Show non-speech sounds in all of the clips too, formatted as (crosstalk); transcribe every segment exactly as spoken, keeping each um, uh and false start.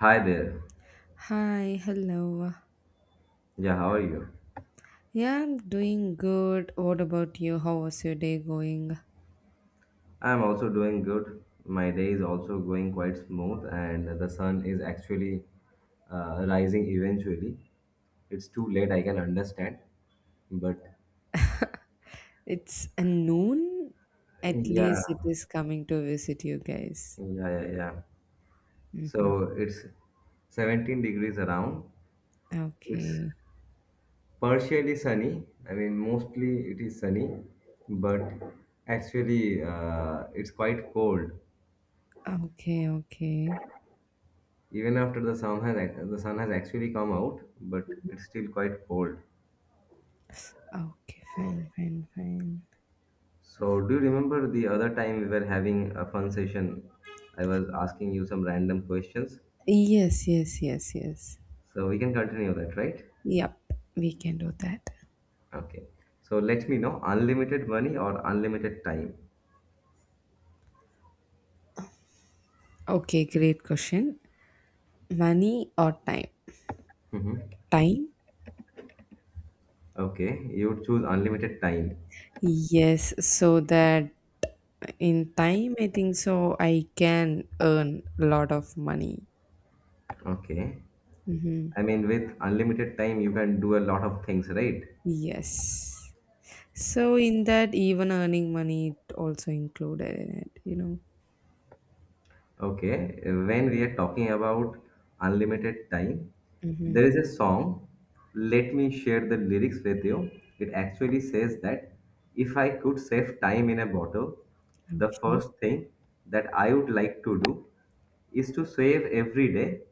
Hi there. Hi, hello. Yeah, how are you? Yeah, I'm doing good. What about you? How was your day going? I'm also doing good. My day is also going quite smooth, and the sun is actually uh, rising eventually. It's too late, I can understand, but It's a noon. At yeah, least it is coming to visit you guys. yeah, yeah, yeah. Mm-hmm. So it's seventeen degrees around. It's Okay, partially sunny. I mean, mostly it is sunny, but actually uh, it's quite cold. okay, okay. Even after the sun has ac- the sun has actually come out, but it's still quite cold. Okay, fine, fine, fine. So do you remember the other time we were having a fun session? I was asking you some random questions. Yes, yes, yes, yes. So we can continue that, right? Yep, we can do that. Okay. So let me know, unlimited money or unlimited time? Okay, great question. Money or time? hmm Time? Okay, you would choose unlimited time. Yes, so that in time, I think so. I can earn a lot of money. Okay. Hmm. I mean, with unlimited time, you can do a lot of things, right? Yes. So in that, even earning money it also included in it. You know. Okay, when we are talking about unlimited time, there Hmm. is a song. Let me share the lyrics with you. It actually says that if I could save time in a bottle, the Okay. first thing that I would like to do is to save every day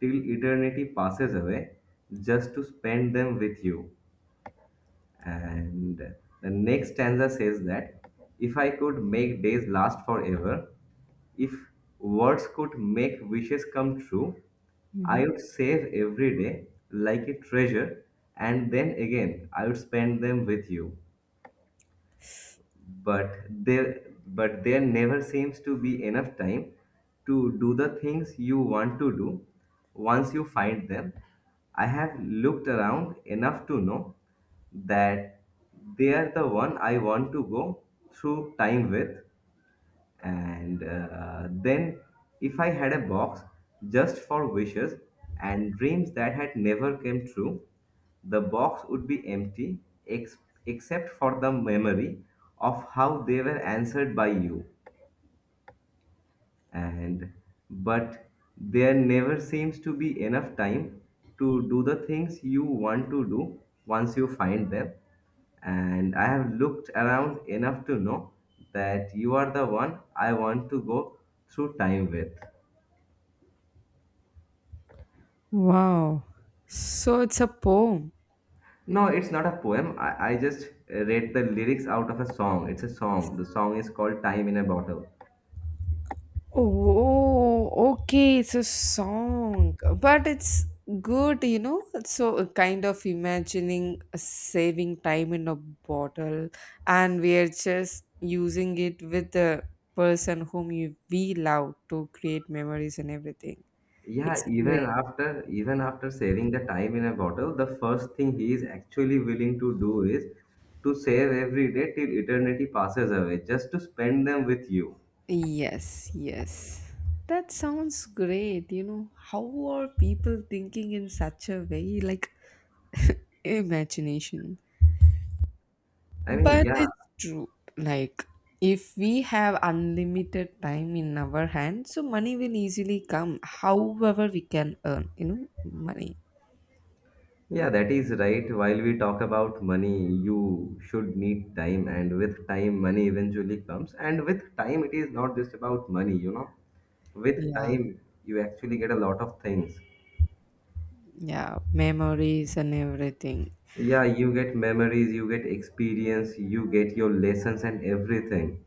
till eternity passes away, just to spend them with you. And the next stanza says that if I could make days last forever, if words could make wishes come true, I Hmm. would save every day like a treasure, and then again I would spend them with you. but there but there never seems to be enough time to do the things you want to do once you find them. I have looked around enough to know that they are the one I want to go through time with. And uh, then if I had a box just for wishes and dreams that had never came true, the box would be empty, ex- except for the memory of how they were answered by you. And but there never seems to be enough time to do the things you want to do once you find them, and I have looked around enough to know that you are the one I want to go through time with. Wow. So it's a poem. No, it's not a poem. I, I just read the lyrics out of a song. It's a song. The song is called Time in a Bottle. Oh, okay, it's a song, but it's good, you know. So, uh, kind of imagining a saving time in a bottle, and we are just using it with the person whom you, we love to create memories and everything. Yeah, It's even great. after even after saving the time in a bottle, the first thing he is actually willing to do is to save every day till eternity passes away, just to spend them with you. Yes, yes. That sounds great. You know, how are people thinking in such a way? Like, (laughs) imagination. I mean, But yeah, it's true. Like, if we have unlimited time in our hands, so money will easily come, however, we can earn, you know, money. yeah, that is right. While we talk about money, you should need time, and with time, money eventually comes. And with time, it is not just about money, you know. With Yeah. time, you actually get a lot of things. Yeah. Memories and everything. Yeah, you get memories, you get experience, you get your lessons and everything.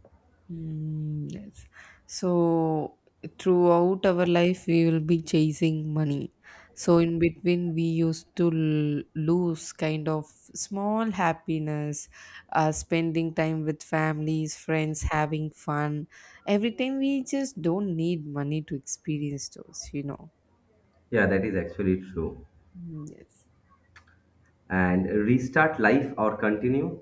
Mm, yes. So throughout our life, we will be chasing money. So in between, we used to l- lose kind of small happiness, uh, spending time with families, friends, having fun. Every time we just don't need money to experience those, you know. Yeah, that is actually true. Mm, yes. And restart life or continue?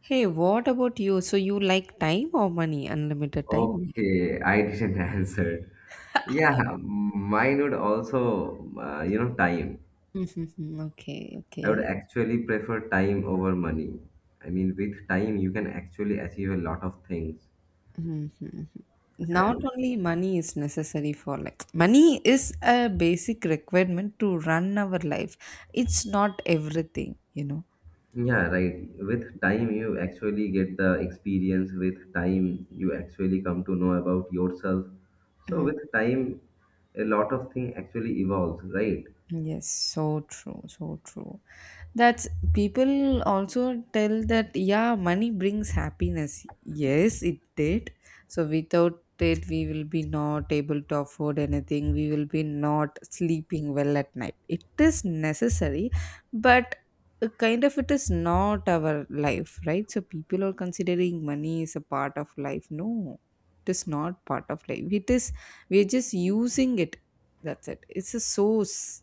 Hey, what about you? So you like time or money? Unlimited time? or- Okay, I didn't (laughs) answer. Yeah, mine would also, uh, you know, time. (laughs) Okay, I would okay. actually prefer time over money. I mean, with time, you can actually achieve a lot of things. Mhm. Not only money is necessary for, like, money is a basic requirement to run our life. It's not everything, you Yeah, right. With time, you actually get the experience. With time, you actually come to know about yourself. So, know. with time, a lot of thing actually evolves, right? Yes, so true, so true. That's people also tell that, yeah, money brings happiness. Yes, it did. So without it, we will be not able to afford anything. We will be not sleeping well at night. It is necessary, but uh, kind of it is not our life, right? So people are considering money is a part of life. No, it is not part of life. It is, we are just using it. That's it. It's a source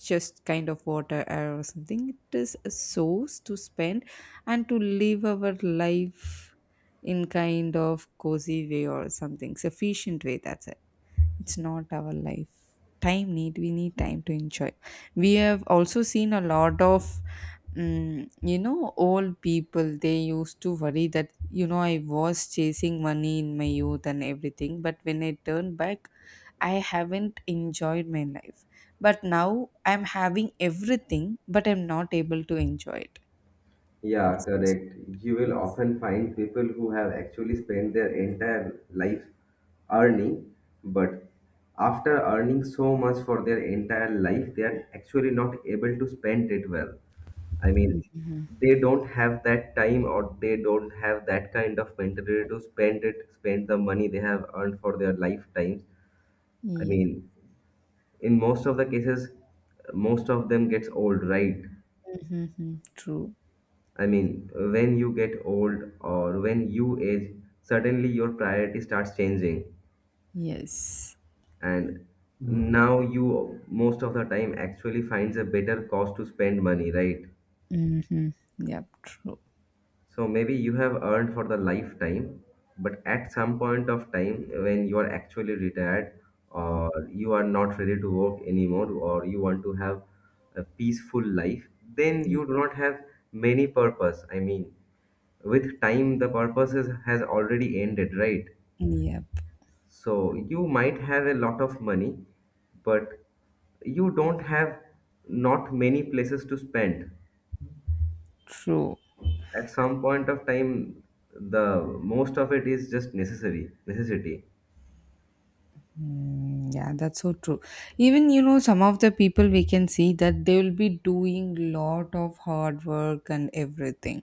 just kind of water or something. It is a source to spend and to live our life in kind of cozy way or something sufficient way. That's it. It's not our life. Time need we need time to enjoy. We have also seen a lot of mm, you know old people. They used to worry that you know I was chasing money in my youth and everything, but when I turned back, I haven't enjoyed my life. But now I'm having everything, but I'm not able to enjoy it. What Yeah, is this? correct. You will Yes. often find people who have actually spent their entire life earning, but after earning so much for their entire life, they are actually not able to spend it well. I mean, they don't have that time or they don't have that kind of mentality to spend it, spend the money they have earned for their lifetimes. I Yeah. mean, in most of the cases, most of them gets old, right? Mm-hmm. True. I mean, when you get old or when you age, suddenly your priority starts changing. Yes. And now you most of the time actually finds a better cost to spend money, right? Mm-hmm. Yep. True. So maybe you have earned for the lifetime, but at some point of time when you are actually retired or you are not ready to work anymore or you want to have a peaceful life, then you do not have many purpose. I mean, with time the purposes has already ended, right? Yep. So you might have a lot of money, but you don't have not many places to spend True. at some point of time. The most of it is just necessary necessity. Mm, yeah, that's so true. Even you know, some of the people we can see that they will be doing lot of hard work and everything.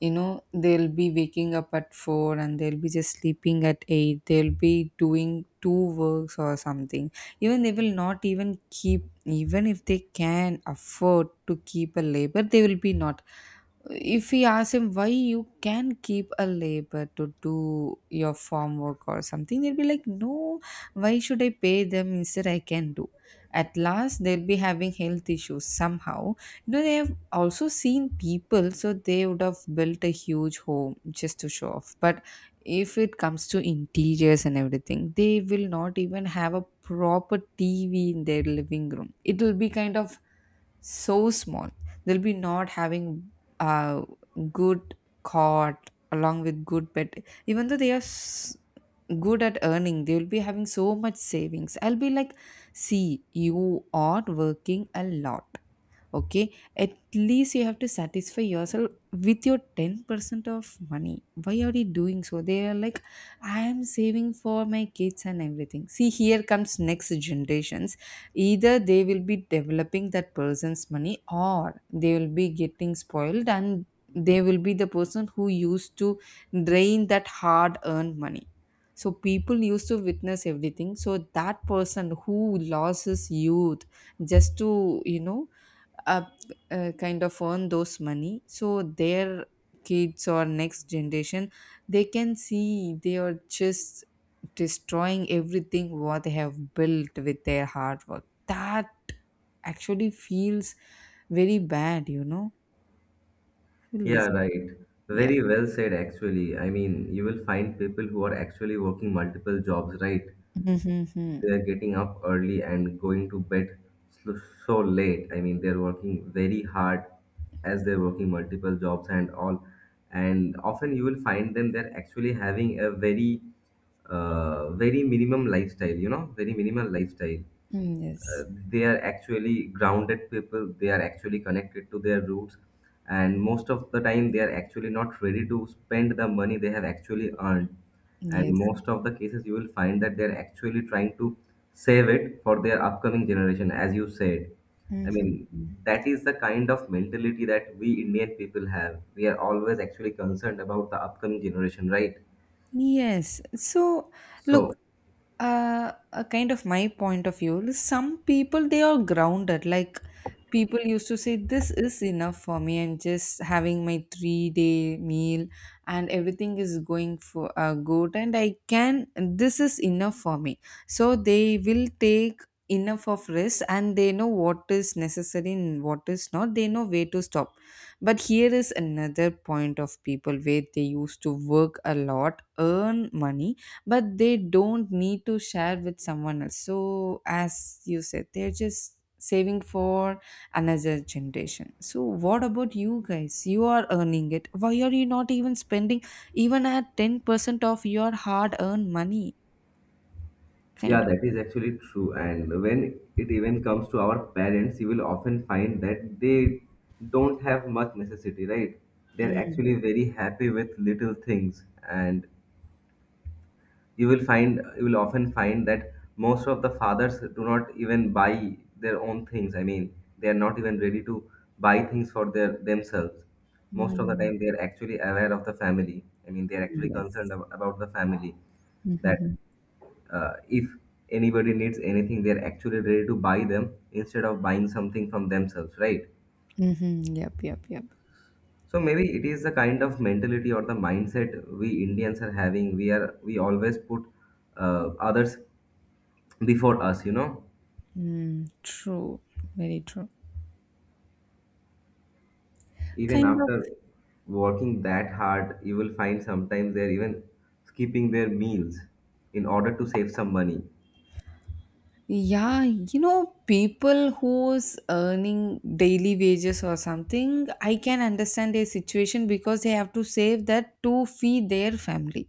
You know, they'll be waking up at four and they'll be just sleeping at eight. They'll be doing two works or something. Even they will not even keep, even if they can afford to keep a labor, they will be not. If we ask him why you can keep a labor to do your farm work or something, they'll be like, no, why should I pay them? Instead I can do? At last they'll be having health issues somehow. You know they have also seen people, so they would have built a huge home just to show off. But if it comes to interiors and everything, they will not even have a proper T V in their living room. It will be kind of so small. They'll be not having a good cot along with good bed, even though they are s- good at earning. They will be having so much savings. I'll be like, see, you are working a lot, okay, at least you have to satisfy yourself with your ten percent of money. Why are you doing so? They are like, I am saving for my kids and everything. See, here comes next generations. Either they will be developing that person's money or they will be getting spoiled, and they will be the person who used to drain that hard earned money. So people used to witness everything. So that person who lost his youth just to, you know uh, uh, kind of, earn those money, so their kids or next generation, they can see they are just destroying everything what they have built with their hard work. That actually feels very bad you know I will Yeah, listen. right. Yeah. Very well said actually. I mean, you will find people who are actually working multiple jobs, right? (laughs) Mm-hmm. They're getting up early and going to bed so, so late. I mean, they're working very hard as they're working multiple jobs and all. And often you will find them they're actually having a very, uh, very minimum lifestyle, you know, very minimal lifestyle. Yes, They are actually grounded people. They are actually connected to their roots, and most of the time they are actually not ready to spend the money they have actually earned. And yes. most of the cases you will find that they are actually trying to save it for their upcoming generation, as you said. I mean, Hmm. that is the kind of mentality that we Indian people have. We are always actually concerned about the upcoming generation, right? Yes. So, So look, uh, a kind of my point of view, some people they are grounded. Like people used to say, "This is enough for me. I'm just having my three-day meal, and everything is going for uh, good, and I can. This is enough for me." So they will take enough of risk, and they know what is necessary and what is not. They know where to stop. But here is another point of people where they used to work a lot, earn money, but they don't need to share with someone else. So, as you said, they're just saving for another generation. So, what about you guys? You are earning it. Why are you not even spending even at ten percent of your hard earned money? yeah, Kind of. that is actually true. And when it even comes to our parents, you will often find that they don't have much necessity, right? They're Mm. actually very happy with little things. And you will find, you will often find that most of the fathers do not even buy their own things. I mean, they are not even ready to buy things for their themselves. Most of the Mm-hmm. time, they are actually aware of the family. I mean, they are actually concerned Yes. ab- about the family that Mm-hmm. uh, if anybody needs anything, they're actually ready to buy them instead of buying something from themselves, right? Mm-hmm. Yep, yep, yep. So maybe it is the kind of mentality or the mindset we Indians are having. We are we always put uh, others before us, you know. Mm, true. Very true. Even Kind of. after working that hard, you will find sometimes they're even skipping their meals in order to save some money. Yeah, you know, people who's earning daily wages or something, I can understand their situation because they have to save that to feed their family.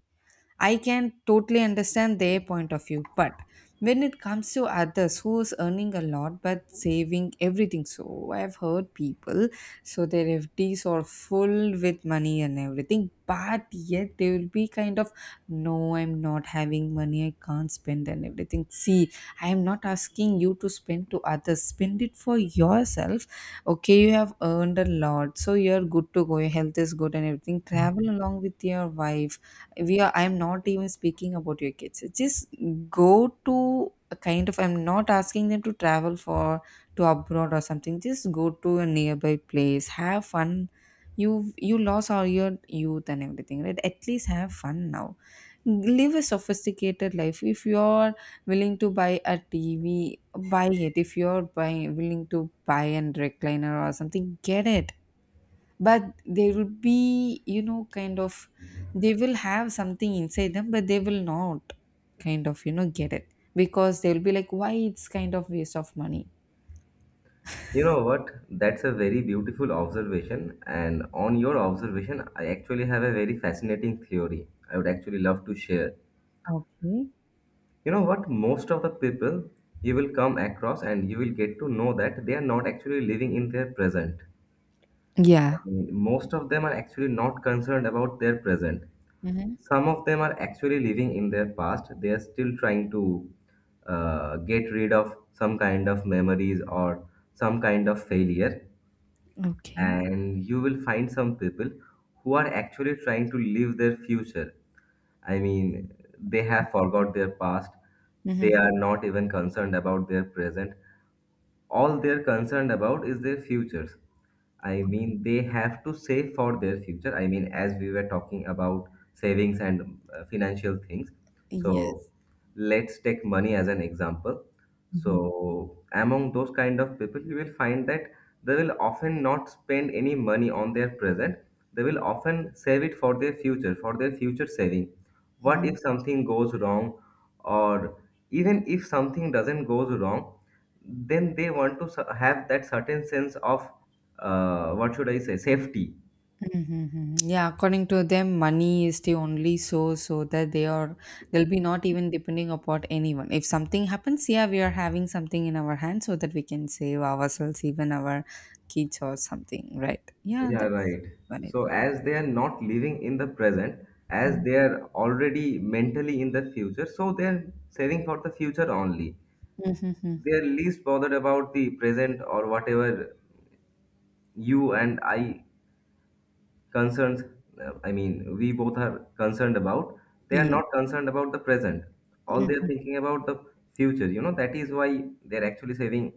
I can totally understand their point of view, but when it comes to others who's earning a lot but saving everything, so I've heard people, so their F Ds are full with money and everything, but yet they will be kind of, no, I'm not having money, I can't spend and everything. See, I am not asking you to spend to others, spend it for yourself. Okay, you have earned a lot, so you're good to go, your health is good and everything. Travel along with your wife. We are i'm not even speaking about your kids, just go to a kind of. I'm not asking them to travel for to abroad or something, just go to a nearby place, have fun. You've you lost all your youth and everything, right? At least have fun now. Live a sophisticated life. If you're willing to buy a TV, buy it. If you're buying willing to buy a recliner or something, get it. But they will be, you know kind of, they will have something inside them, but they will not, kind of, you know get it, because they'll be like, why, it's kind of waste of money. You know what? That's a very beautiful observation. And on your observation, I actually have a very fascinating theory. I would actually love to share. Okay. You know what? Most of the people you will come across and you will get to know that they are not actually living in their present. Yeah. Most of them are actually not concerned about their present. Mm-hmm. Some of them are actually living in their past. They are still trying to uh, get rid of some kind of memories or some kind of failure. Okay. And you will find some people who are actually trying to live their future. I mean, they have forgot their past. They Mm-hmm. are not even concerned about their present. All they're concerned about is their futures. I mean, they have to save for their future. I mean, as we were talking about savings and uh, financial things. So, Yes. let's take money as an example. So, among those kind of people, you will find that they will often not spend any money on their present. They will often save it for their future, for their future saving. What if Mhm. something goes wrong, or even if something doesn't goes wrong, then they want to s- have that certain sense of uh, what should I say, safety. Mhm, mhm. Yeah, according to them, money is the only source, so that they are they'll be not even depending upon anyone. If something happens, yeah, we are having something in our hand so that we can save ourselves, even our kids or something, right? Yeah, Yeah, that's right. valid So point. as they are not living in the present, as they are already mentally in the future, so they are saving for the future only. Mm-hmm. They are least bothered about the present or whatever you and I concerns. uh, I mean, we both are concerned about, they are Yeah. not concerned about the present. All they are thinking about the future, you know. That is why they are actually saving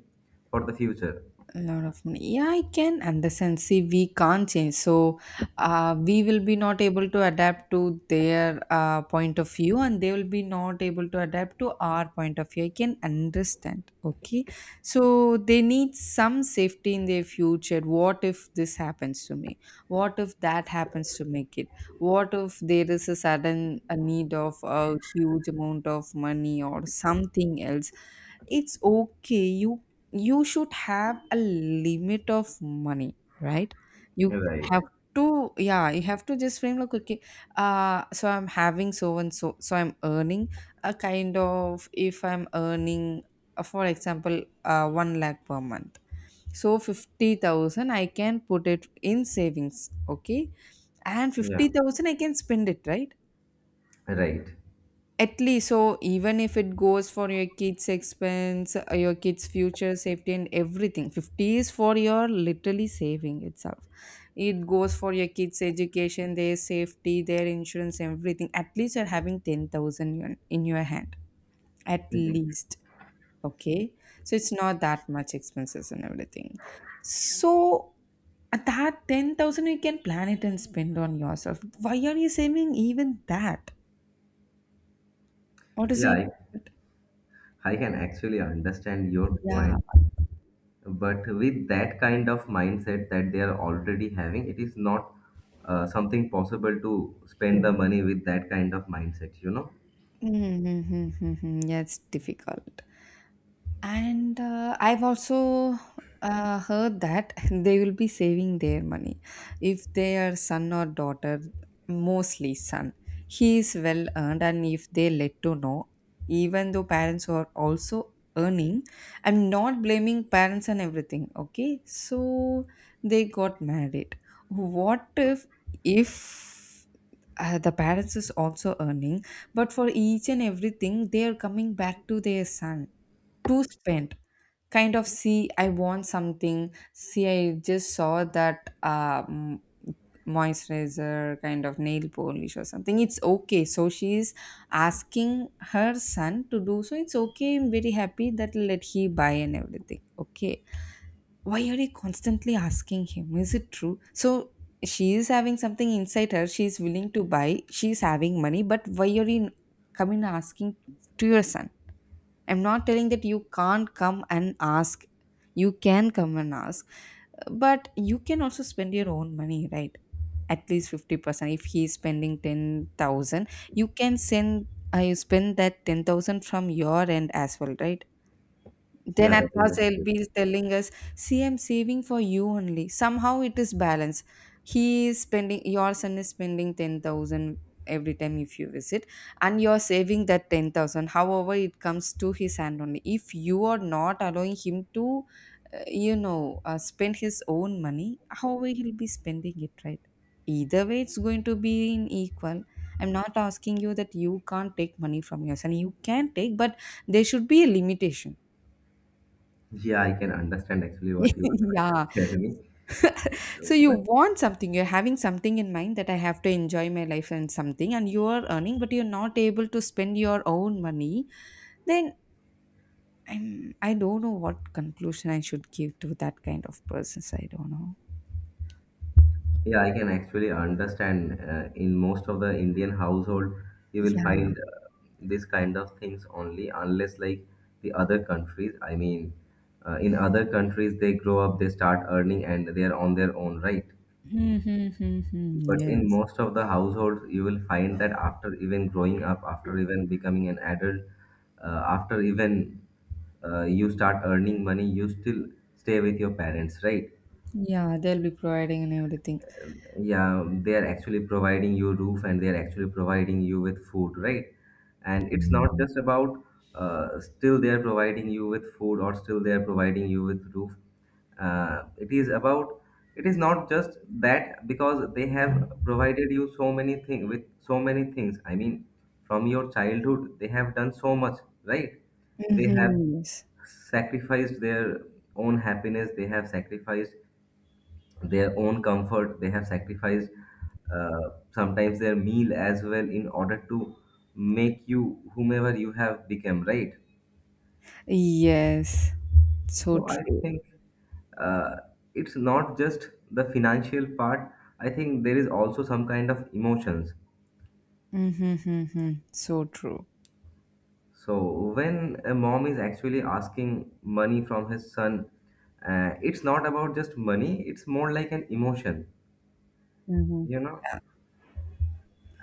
for the future. A lot of money. Yeah, I can understand. See, we can't change. So, uh, we will be not able to adapt to their uh, point of view, and they will be not able to adapt to our point of view. I can understand. Okay. So, they need some safety in their future. What if this happens to me? What if that happens to make it? What if there is a sudden a need of a huge amount of money or something else? It's okay, you you should have a limit of money, right? You Right. have to, yeah, you have to just frame like, okay, uh so I'm having so and so, so I'm earning a kind of, if I'm earning, uh, for example, uh one lakh per month, so fifty thousand I can put it in savings, okay, and Yeah. fifty thousand I can spend it, right? Right. At least, so even if it goes for your kids' expense, uh, your kids' future safety, and everything, fifty is for your literally saving itself. It goes for your kids' education, their safety, their insurance, everything. At least you're having ten thousand yuan in your hand. At Mhm. least. Okay. So it's not that much expenses and everything. So at that ten thousand, you can plan it and spend on yourself. Why are you saving even that? What is yeah it? i, I can actually understand your Yeah. point, but with that kind of mindset that they are already having, it is not uh, something possible to spend the money with that kind of mindset, you know. Mm-hmm. Mm-hmm. Yeah, it's difficult. And uh, I've also uh, heard that (laughs) they will be saving their money if their son or daughter, mostly son, he is well earned, and if they let to know, even though parents are also earning, I'm not blaming parents and everything. Okay, so they got married. What if if uh, the parents is also earning but for each and everything they are coming back to their son to spend kind of. See i want something. See i just saw that um, moisturizer kind of nail polish or something. It's okay, so she is asking her son to do so. It's okay, I'm very happy that let he buy and everything. Okay, why are you constantly asking him? Is it true? So she is having something inside her, she is willing to buy. She is having money, but why are you coming asking to your son? I'm not telling that you can't come and ask, you can come and ask, but you can also spend your own money, right? At least fifty percent if he is spending ten thousand, you can send. Uh, you spend that ten thousand from your end as well, right? Then Yeah, at that is last they'll actually, be telling us, see, I'm saving for you only. Somehow it is balanced. He is spending, your son is spending ten thousand every time if you visit, and you're saving that ten thousand. However, it comes to his hand only. If you are not allowing him to, uh, you know, uh, spend his own money, how will he be spending it, right? Either way, it's going to be in equal. I'm not asking you that you can't take money from your son. You can take, but there should be a limitation. yeah, I can understand actually what you are trying to (laughs) Yeah. tell me. So you But want something, you're having something in mind that I have to enjoy my life and something, and you are earning, but you're not able to spend your own money, then I'm, I don't know what conclusion I should give to that kind of persons. I don't know. yeah, I can actually understand uh, in most of the Indian household, you will find Yeah. uh, this kind of things only, unless like the other countries. I mean, uh, in other countries, they grow up, they start earning, and they are on their own, right? Mm-hmm. But in Yes. most of the households, you will find that after even growing up, after even becoming an adult, uh, after even uh, you start earning money, you still stay with your parents, right? Yeah, they'll be providing and everything. Yeah, they are actually providing you roof, and they are actually providing you with food, right? And it's not just about uh, still they are providing you with food or still they are providing you with roof. Uh, it is about, it is not just that. Because they have provided you so many things, with so many things, I mean, from your childhood, they have done so much, right? They have Mm-hmm. Yes. sacrificed their own happiness, they have sacrificed their own comfort, they have sacrificed uh, sometimes their meal as well, in order to make you whomever you have become, right? Yes. So So I true. think, uh, it's not just the financial part, I think there is also some kind of emotions. Mm-hmm, hmm, hmm. So true. So when a mom is actually asking money from his son, uh, it's not about just money, it's more like an emotion, Mm-hmm. you know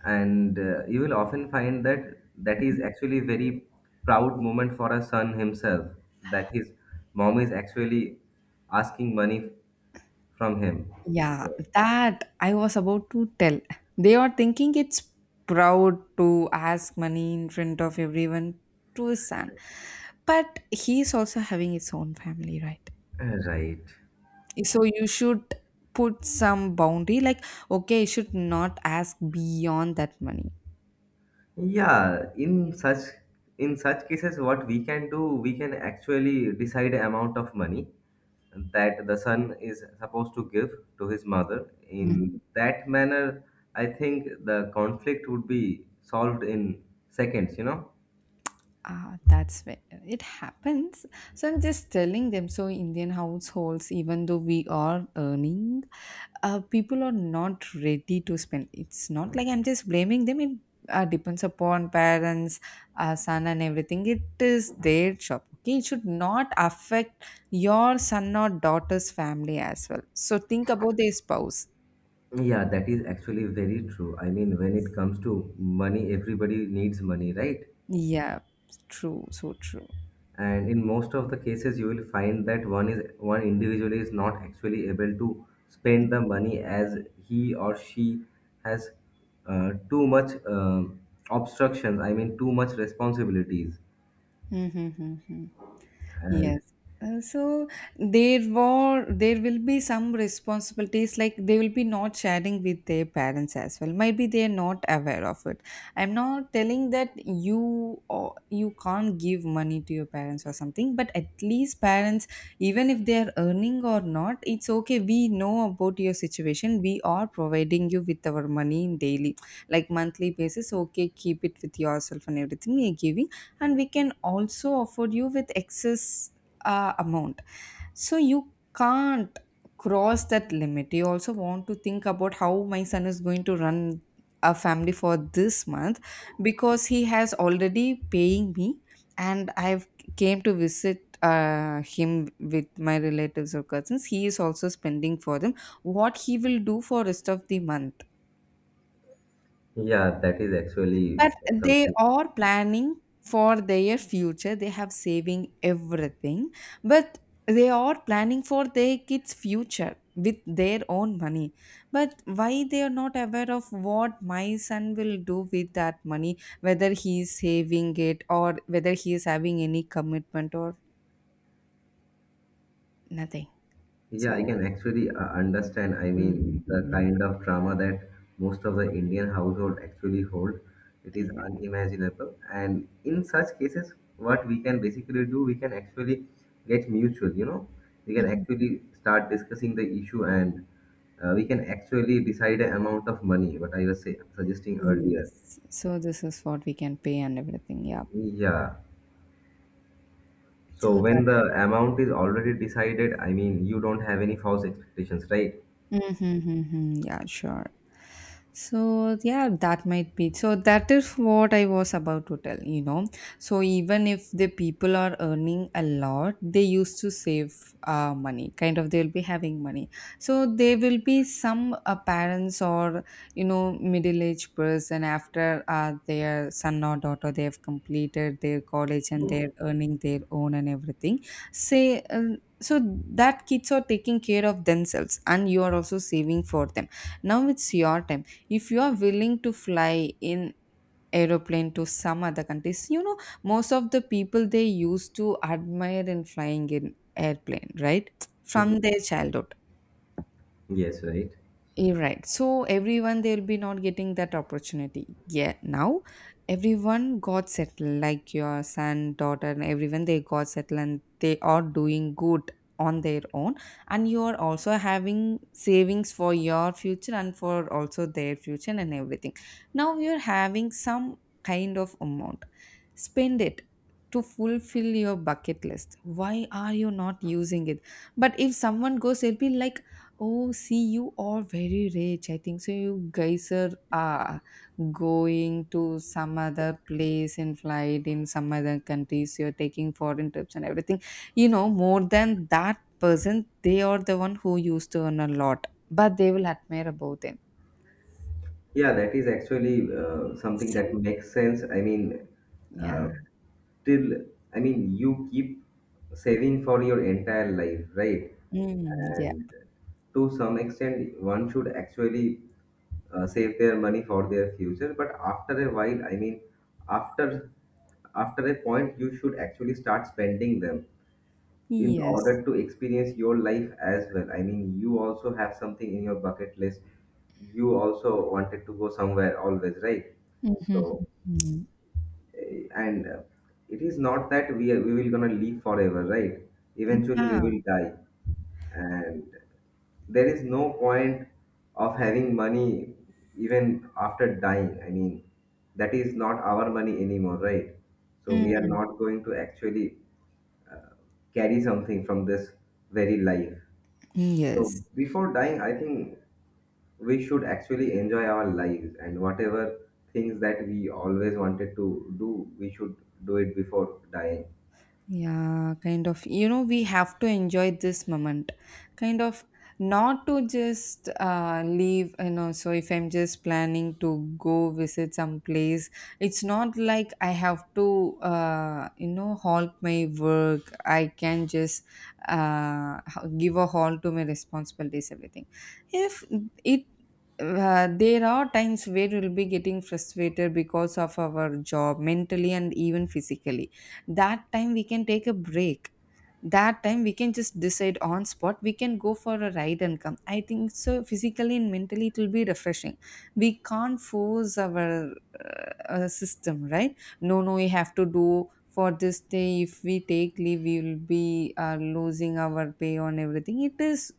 and uh, you will often find that that is actually very proud moment for a son himself, that his mom is actually asking money from him. Yeah, So, that I was about to tell. They are thinking it's proud to ask money in front of everyone to his son. But he's also having his own family, right? right. So you should put some boundary like, okay, you should not ask beyond that money. Yeah, in such, in such cases what we can do, we can actually decide amount of money that the son is supposed to give to his mother in that manner. I think the conflict would be solved in seconds, you know Ah, that's when it happens. So I'm just telling them. So Indian households, even though we are earning, uh, people are not ready to spend. It's not like I'm just blaming them. It uh, depends upon parents, uh, son, and everything. It is their job. Okay, it should not affect your son or daughter's family as well. So think about their spouse. Yeah, that is actually very true. I mean, when it comes to money, everybody needs money, right? Yeah, true. So true. And in most of the cases, you will find that one is one individual is not actually able to spend the money as he or she has uh, too much um obstructions. I mean, too much responsibilities. Mm-hmm, mm-hmm. And Yes. Uh, so there were there will be some responsibilities like they will be not sharing with their parents as well. Maybe they are not aware of it. I'm not telling that you or you can't give money to your parents or something, but at least parents, even if they are earning or not, it's okay. We know about your situation. We are providing you with our money in daily, like monthly basis. Okay, keep it with yourself and everything. We are giving, and we can also afford you with excess uh, amount, so you can't cross that limit. You also want to think about how my son is going to run a family for this month, because he has already paying me, and i've came to visit uh, him with my relatives or cousins. He is also spending for them. What he will do for rest of the month? yeah, that is actually But they something. are planning for their future. They have saving everything, but they are planning for their kids' future with their own money. But why they are not aware of what my son will do with that money, whether he is saving it or whether he is having any commitment or nothing. Yeah, I So can actually uh, understand. I mean, the Mhm. kind of drama that most of the Indian household actually hold, it is Yeah. unimaginable. And in such cases, what we can basically do, we can actually get mutual, you know, we can Mhm. actually start discussing the issue and uh, we can actually decide an amount of money, what I was say, suggesting earlier. Yes. So this is what we can pay and everything. Yeah. Yeah. So So when the amount is already decided, I mean, you don't have any false expectations, right? Mm-hmm, mm-hmm. Yeah, sure. So, yeah, that might be. So, that is what I was about to tell, you know. So, even if the people are earning a lot, they used to save uh, money, kind of, they'll be having money. So, there will be some uh, parents or, you know, middle aged person after uh, their son or daughter, they have completed their college and they're earning their own and everything. Say, uh, so that kids are taking care of themselves and you are also saving for them. Now it's your time. If you are willing to fly in aeroplane to some other countries, you know, most of the people they used to admire in flying in airplane, right? Mhm. From their childhood. Yes, right. You're right. So everyone they'll be not getting that opportunity. Yeah, now everyone got settled, like your son, daughter, and everyone they got settled and they are doing good on their own. And you are also having savings for your future and for also their future and everything. Now you're having some kind of amount. Spend it to fulfill your bucket list. Why are you not using it? But if someone goes, they'll be like, oh, see, you are very rich. I think so. You guys are uh, going to some other place in flight in some other countries. You're taking foreign trips and everything. You know, more than that person, they are the one who used to earn a lot, but they will admire about them. Yeah, that is actually uh, something that So, makes sense. I mean, uh, yeah. till, I mean, you keep saving for your entire life, right? Mm, yeah. And to some extent, one should actually uh, save their money for their future. But after a while, I mean, after after a point, you should actually start spending them in Yes. order to experience your life as well. I mean, you also have something in your bucket list. You also wanted to go somewhere always, right? Mm-hmm. So, eh, and uh, it is not that we are, we will gonna live forever, right? Eventually, we Yeah. will die, and there is no point of having money even after dying. I mean, that is not our money anymore, right? So we are Mm, not going to actually carry something from this very life. So yes. before dying, I think we should actually enjoy our lives, and whatever things that we always wanted to do, we should do it before dying. Yeah, kind of. You know, we have to enjoy this moment, kind of, not to just uh, leave. You know, so if I'm just planning to go visit some place, it's not like I have to, uh, you know, halt my work. I can just uh, h- give a halt to my responsibilities, everything. If it uh, There are times where we'll be getting frustrated because of our job mentally and even physically. That time we can take a break, that time we can just decide on spot, we can go for a ride and come. I think so physically and mentally it will be refreshing. We can't force our uh, uh, system, right? No, no, we have to do for this day. If we take leave we will be uh, losing our pay on everything. it is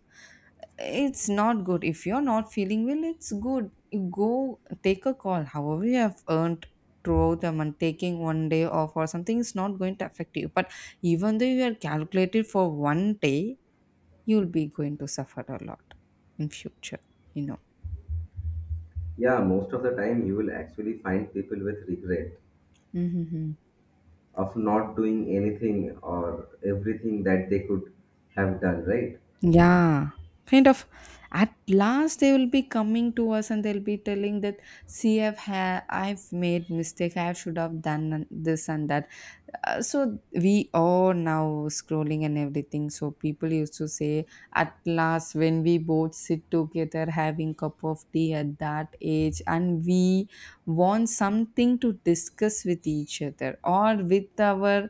It's not good. If you're not feeling well, it's good you go take a call. However you have earned throughout the month, taking one day off or something is not going to affect you, but even though you are calculated for one day, you'll be going to suffer a lot in future, you know. Yeah, most of the time you will actually find people with regret Hmm. of not doing anything or everything that they could have done, right? Yeah, kind of. At last, they will be coming to us and they'll be telling that, see, I've ha- I've made mistake. I should have done an- This and that. Uh, so we are now scrolling and everything. So people used to say, at last, when we both sit together having cup of tea at that age, and we want something to discuss with each other or with our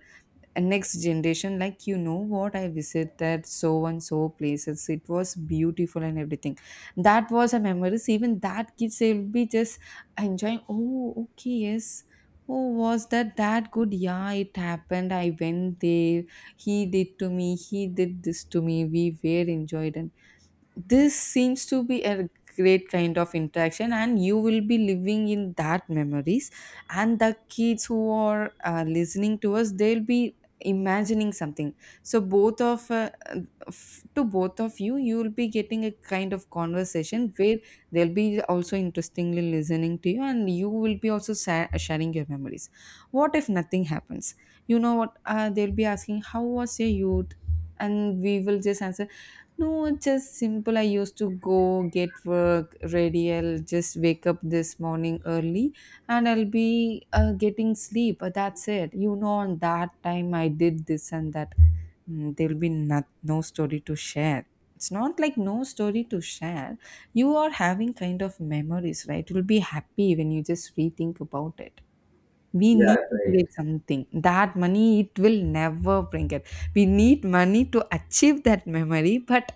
and next generation, like, you know what, I visited so and so places, it was beautiful and everything. That was a memories. Even that kids, they will be just enjoying, oh okay, yes, oh was that that good, yeah it happened, I went there, he did to me, he did this to me, we were enjoyed. And this seems to be a great kind of interaction, and you will be living in that memories. And the kids who are uh, listening to us, they'll be imagining something. So both of uh, f- to both of you, you will be getting a kind of conversation where they'll be also interestingly listening to you, and you will be also sa- sharing your memories. What if nothing happens? You know what, uh, they'll be asking how was your youth, and we will just answer, no, it's just simple. I used to go get work ready. I'll just wake up this morning early, and I'll be uh, getting sleep. Uh, That's it. You know, on that time I did this and that. Mm, there'll be not, no story to share. It's not like no story to share. You are having kind of memories, right? You'll be happy when you just rethink about it. We need Yeah, to right. create something. That money, it will never bring it. We need money to achieve that memory, but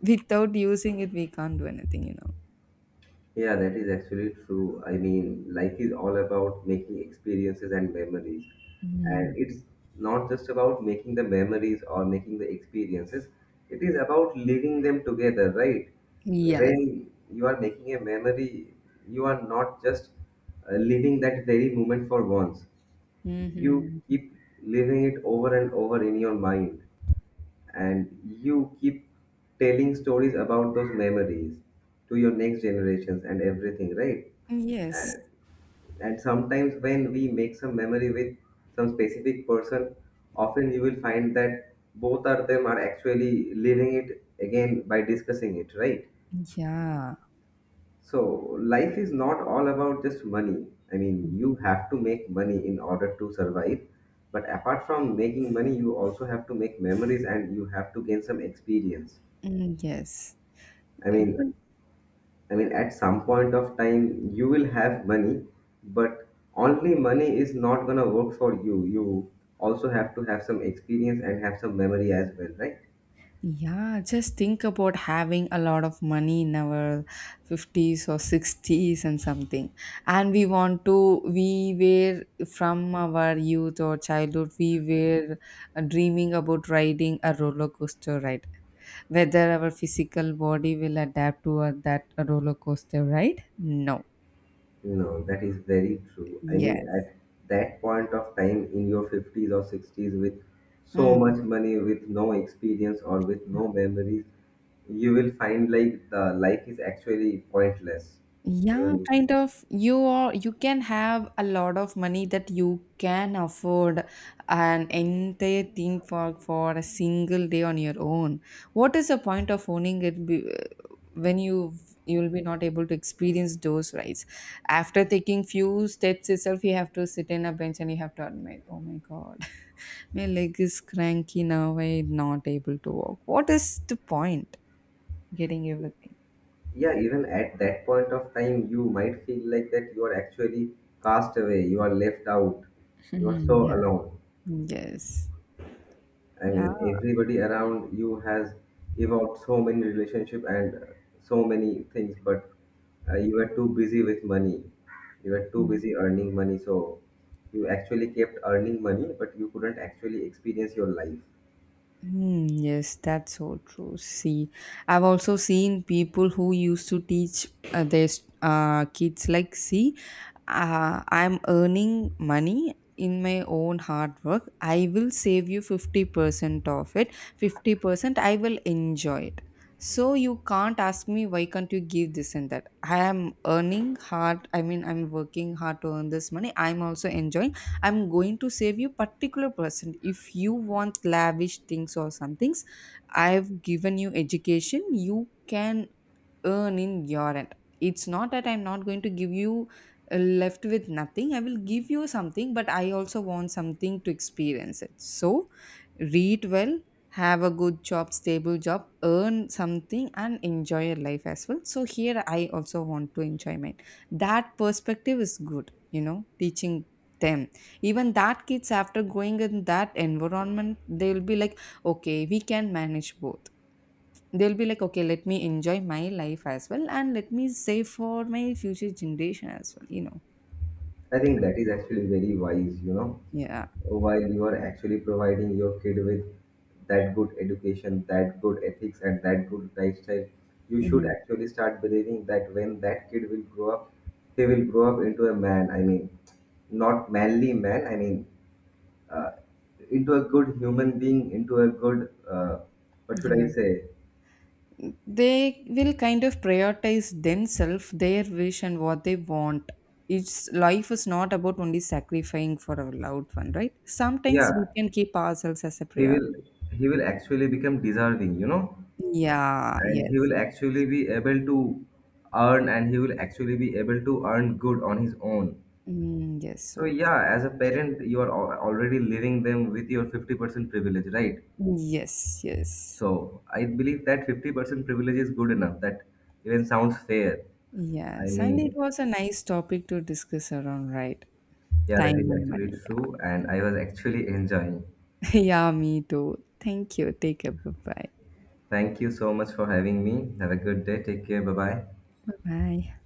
without using it, we can't do anything, you know. Yeah, that is actually true. I mean, life is all about making experiences and memories. Mm, And it's not just about making the memories or making the experiences, it is about living them together, right? yes. When you are making a memory, you are not just uh, living that very moment for once. You Mhm. keep living it over and over in your mind, and you keep telling stories about those memories to your next generations and everything, right? Yes. And, and sometimes when we make some memory with some specific person, often you will find that both of them are actually living it again by discussing it, right? Yeah. So life is not all about just money. I mean, you have to make money in order to survive, but apart from making money, you also have to make memories, and you have to gain some experience. Mm, yes. I mean, Even I mean, at some point of time, you will have money, but only money is not gonna work for you. You also have to have some experience and have some memory as well, right? yeah, just think about having a lot of money in our fifties or sixties and something. And we want to, we were from our youth or childhood, we were uh, dreaming about riding a roller coaster ride. Whether our physical body will adapt to uh, that roller coaster ride? No. No, that is very true. I mean, Yes. at that point of time in your fifties or sixties, with so Hmm. much money, with no experience or with no memories, you will find like the life is actually pointless. I Yeah, mean, kind of. You are you can have a lot of money that you can afford an entire theme park for a single day on your own. What is the point of owning it be, when you you will be not able to experience those rides? After taking few steps itself, you have to sit in a bench and you have to admit, oh my god, (laughs) my leg is cranky now. I'm not able to walk. What is the point? Getting everything. yeah, even at that point of time you might feel like that you are actually cast away, you are left out, you are so Hmm, yeah. alone. Yes. I Yeah. mean, everybody around you has evolved so many relationship and uh, so many things, but uh, you were too busy with money, you were too Mm, busy earning money. So you actually kept earning money, but you couldn't actually experience your life. hmm, yes, that's so true. See, I've also seen people who used to teach uh, their uh, kids, like, see, uh, I'm earning money in my own hard work. I will save you fifty percent of it, fifty percent I will enjoy it. So you can't ask me why can't you give this and that. I am earning hard. I mean, I'm working hard to earn this money. I'm also enjoying. I'm going to save you particular percent. If you want lavish things or some things, I've given you education, you can earn in your end. It's not that I'm not going to give you uh, left with nothing. I will give you something, but I also want something to experience it. So, read well, have a good job, stable job, earn something, and enjoy your life as well. So, here I also want to enjoy mine. That perspective is good, you know, teaching them. Even that kids, after going in that environment, they'll be like, okay, we can manage both. They'll be like, okay, let me enjoy my life as well, and let me save for my future generation as well, you know. I think that is actually very wise, you know. Yeah. While you are actually providing your kid with that good education, that good ethics, and that good lifestyle, you should Mhm. actually start believing that when that kid will grow up, he will grow up into a man. I mean, not manly man. I mean, uh, into a good human being, into a good uh, what should I Yeah, say? they will kind of prioritize themselves, their wish and what they want. It's, life is not about only sacrificing for our loved one, right? Yeah, Sometimes we can keep ourselves as a he will priority. he will actually become deserving, you know. Yeah, And he yes. will actually be able to earn, and he will actually be able to earn good on his own. Mm, yes, so So true. yeah, as a parent, you are al- already leaving them with your fifty percent privilege, right? Yes, yes. So I believe that fifty percent privilege is good enough. That even sounds fair. I Yes, and it mean, was a nice topic to discuss around, right? yeah, Time that is and actually money. true, and I was actually enjoying. (laughs) Yeah, me too. Thank you. Take care. Bye-bye. Thank you so much for having me. Have a good day. Take care. Bye bye. Bye. Bye.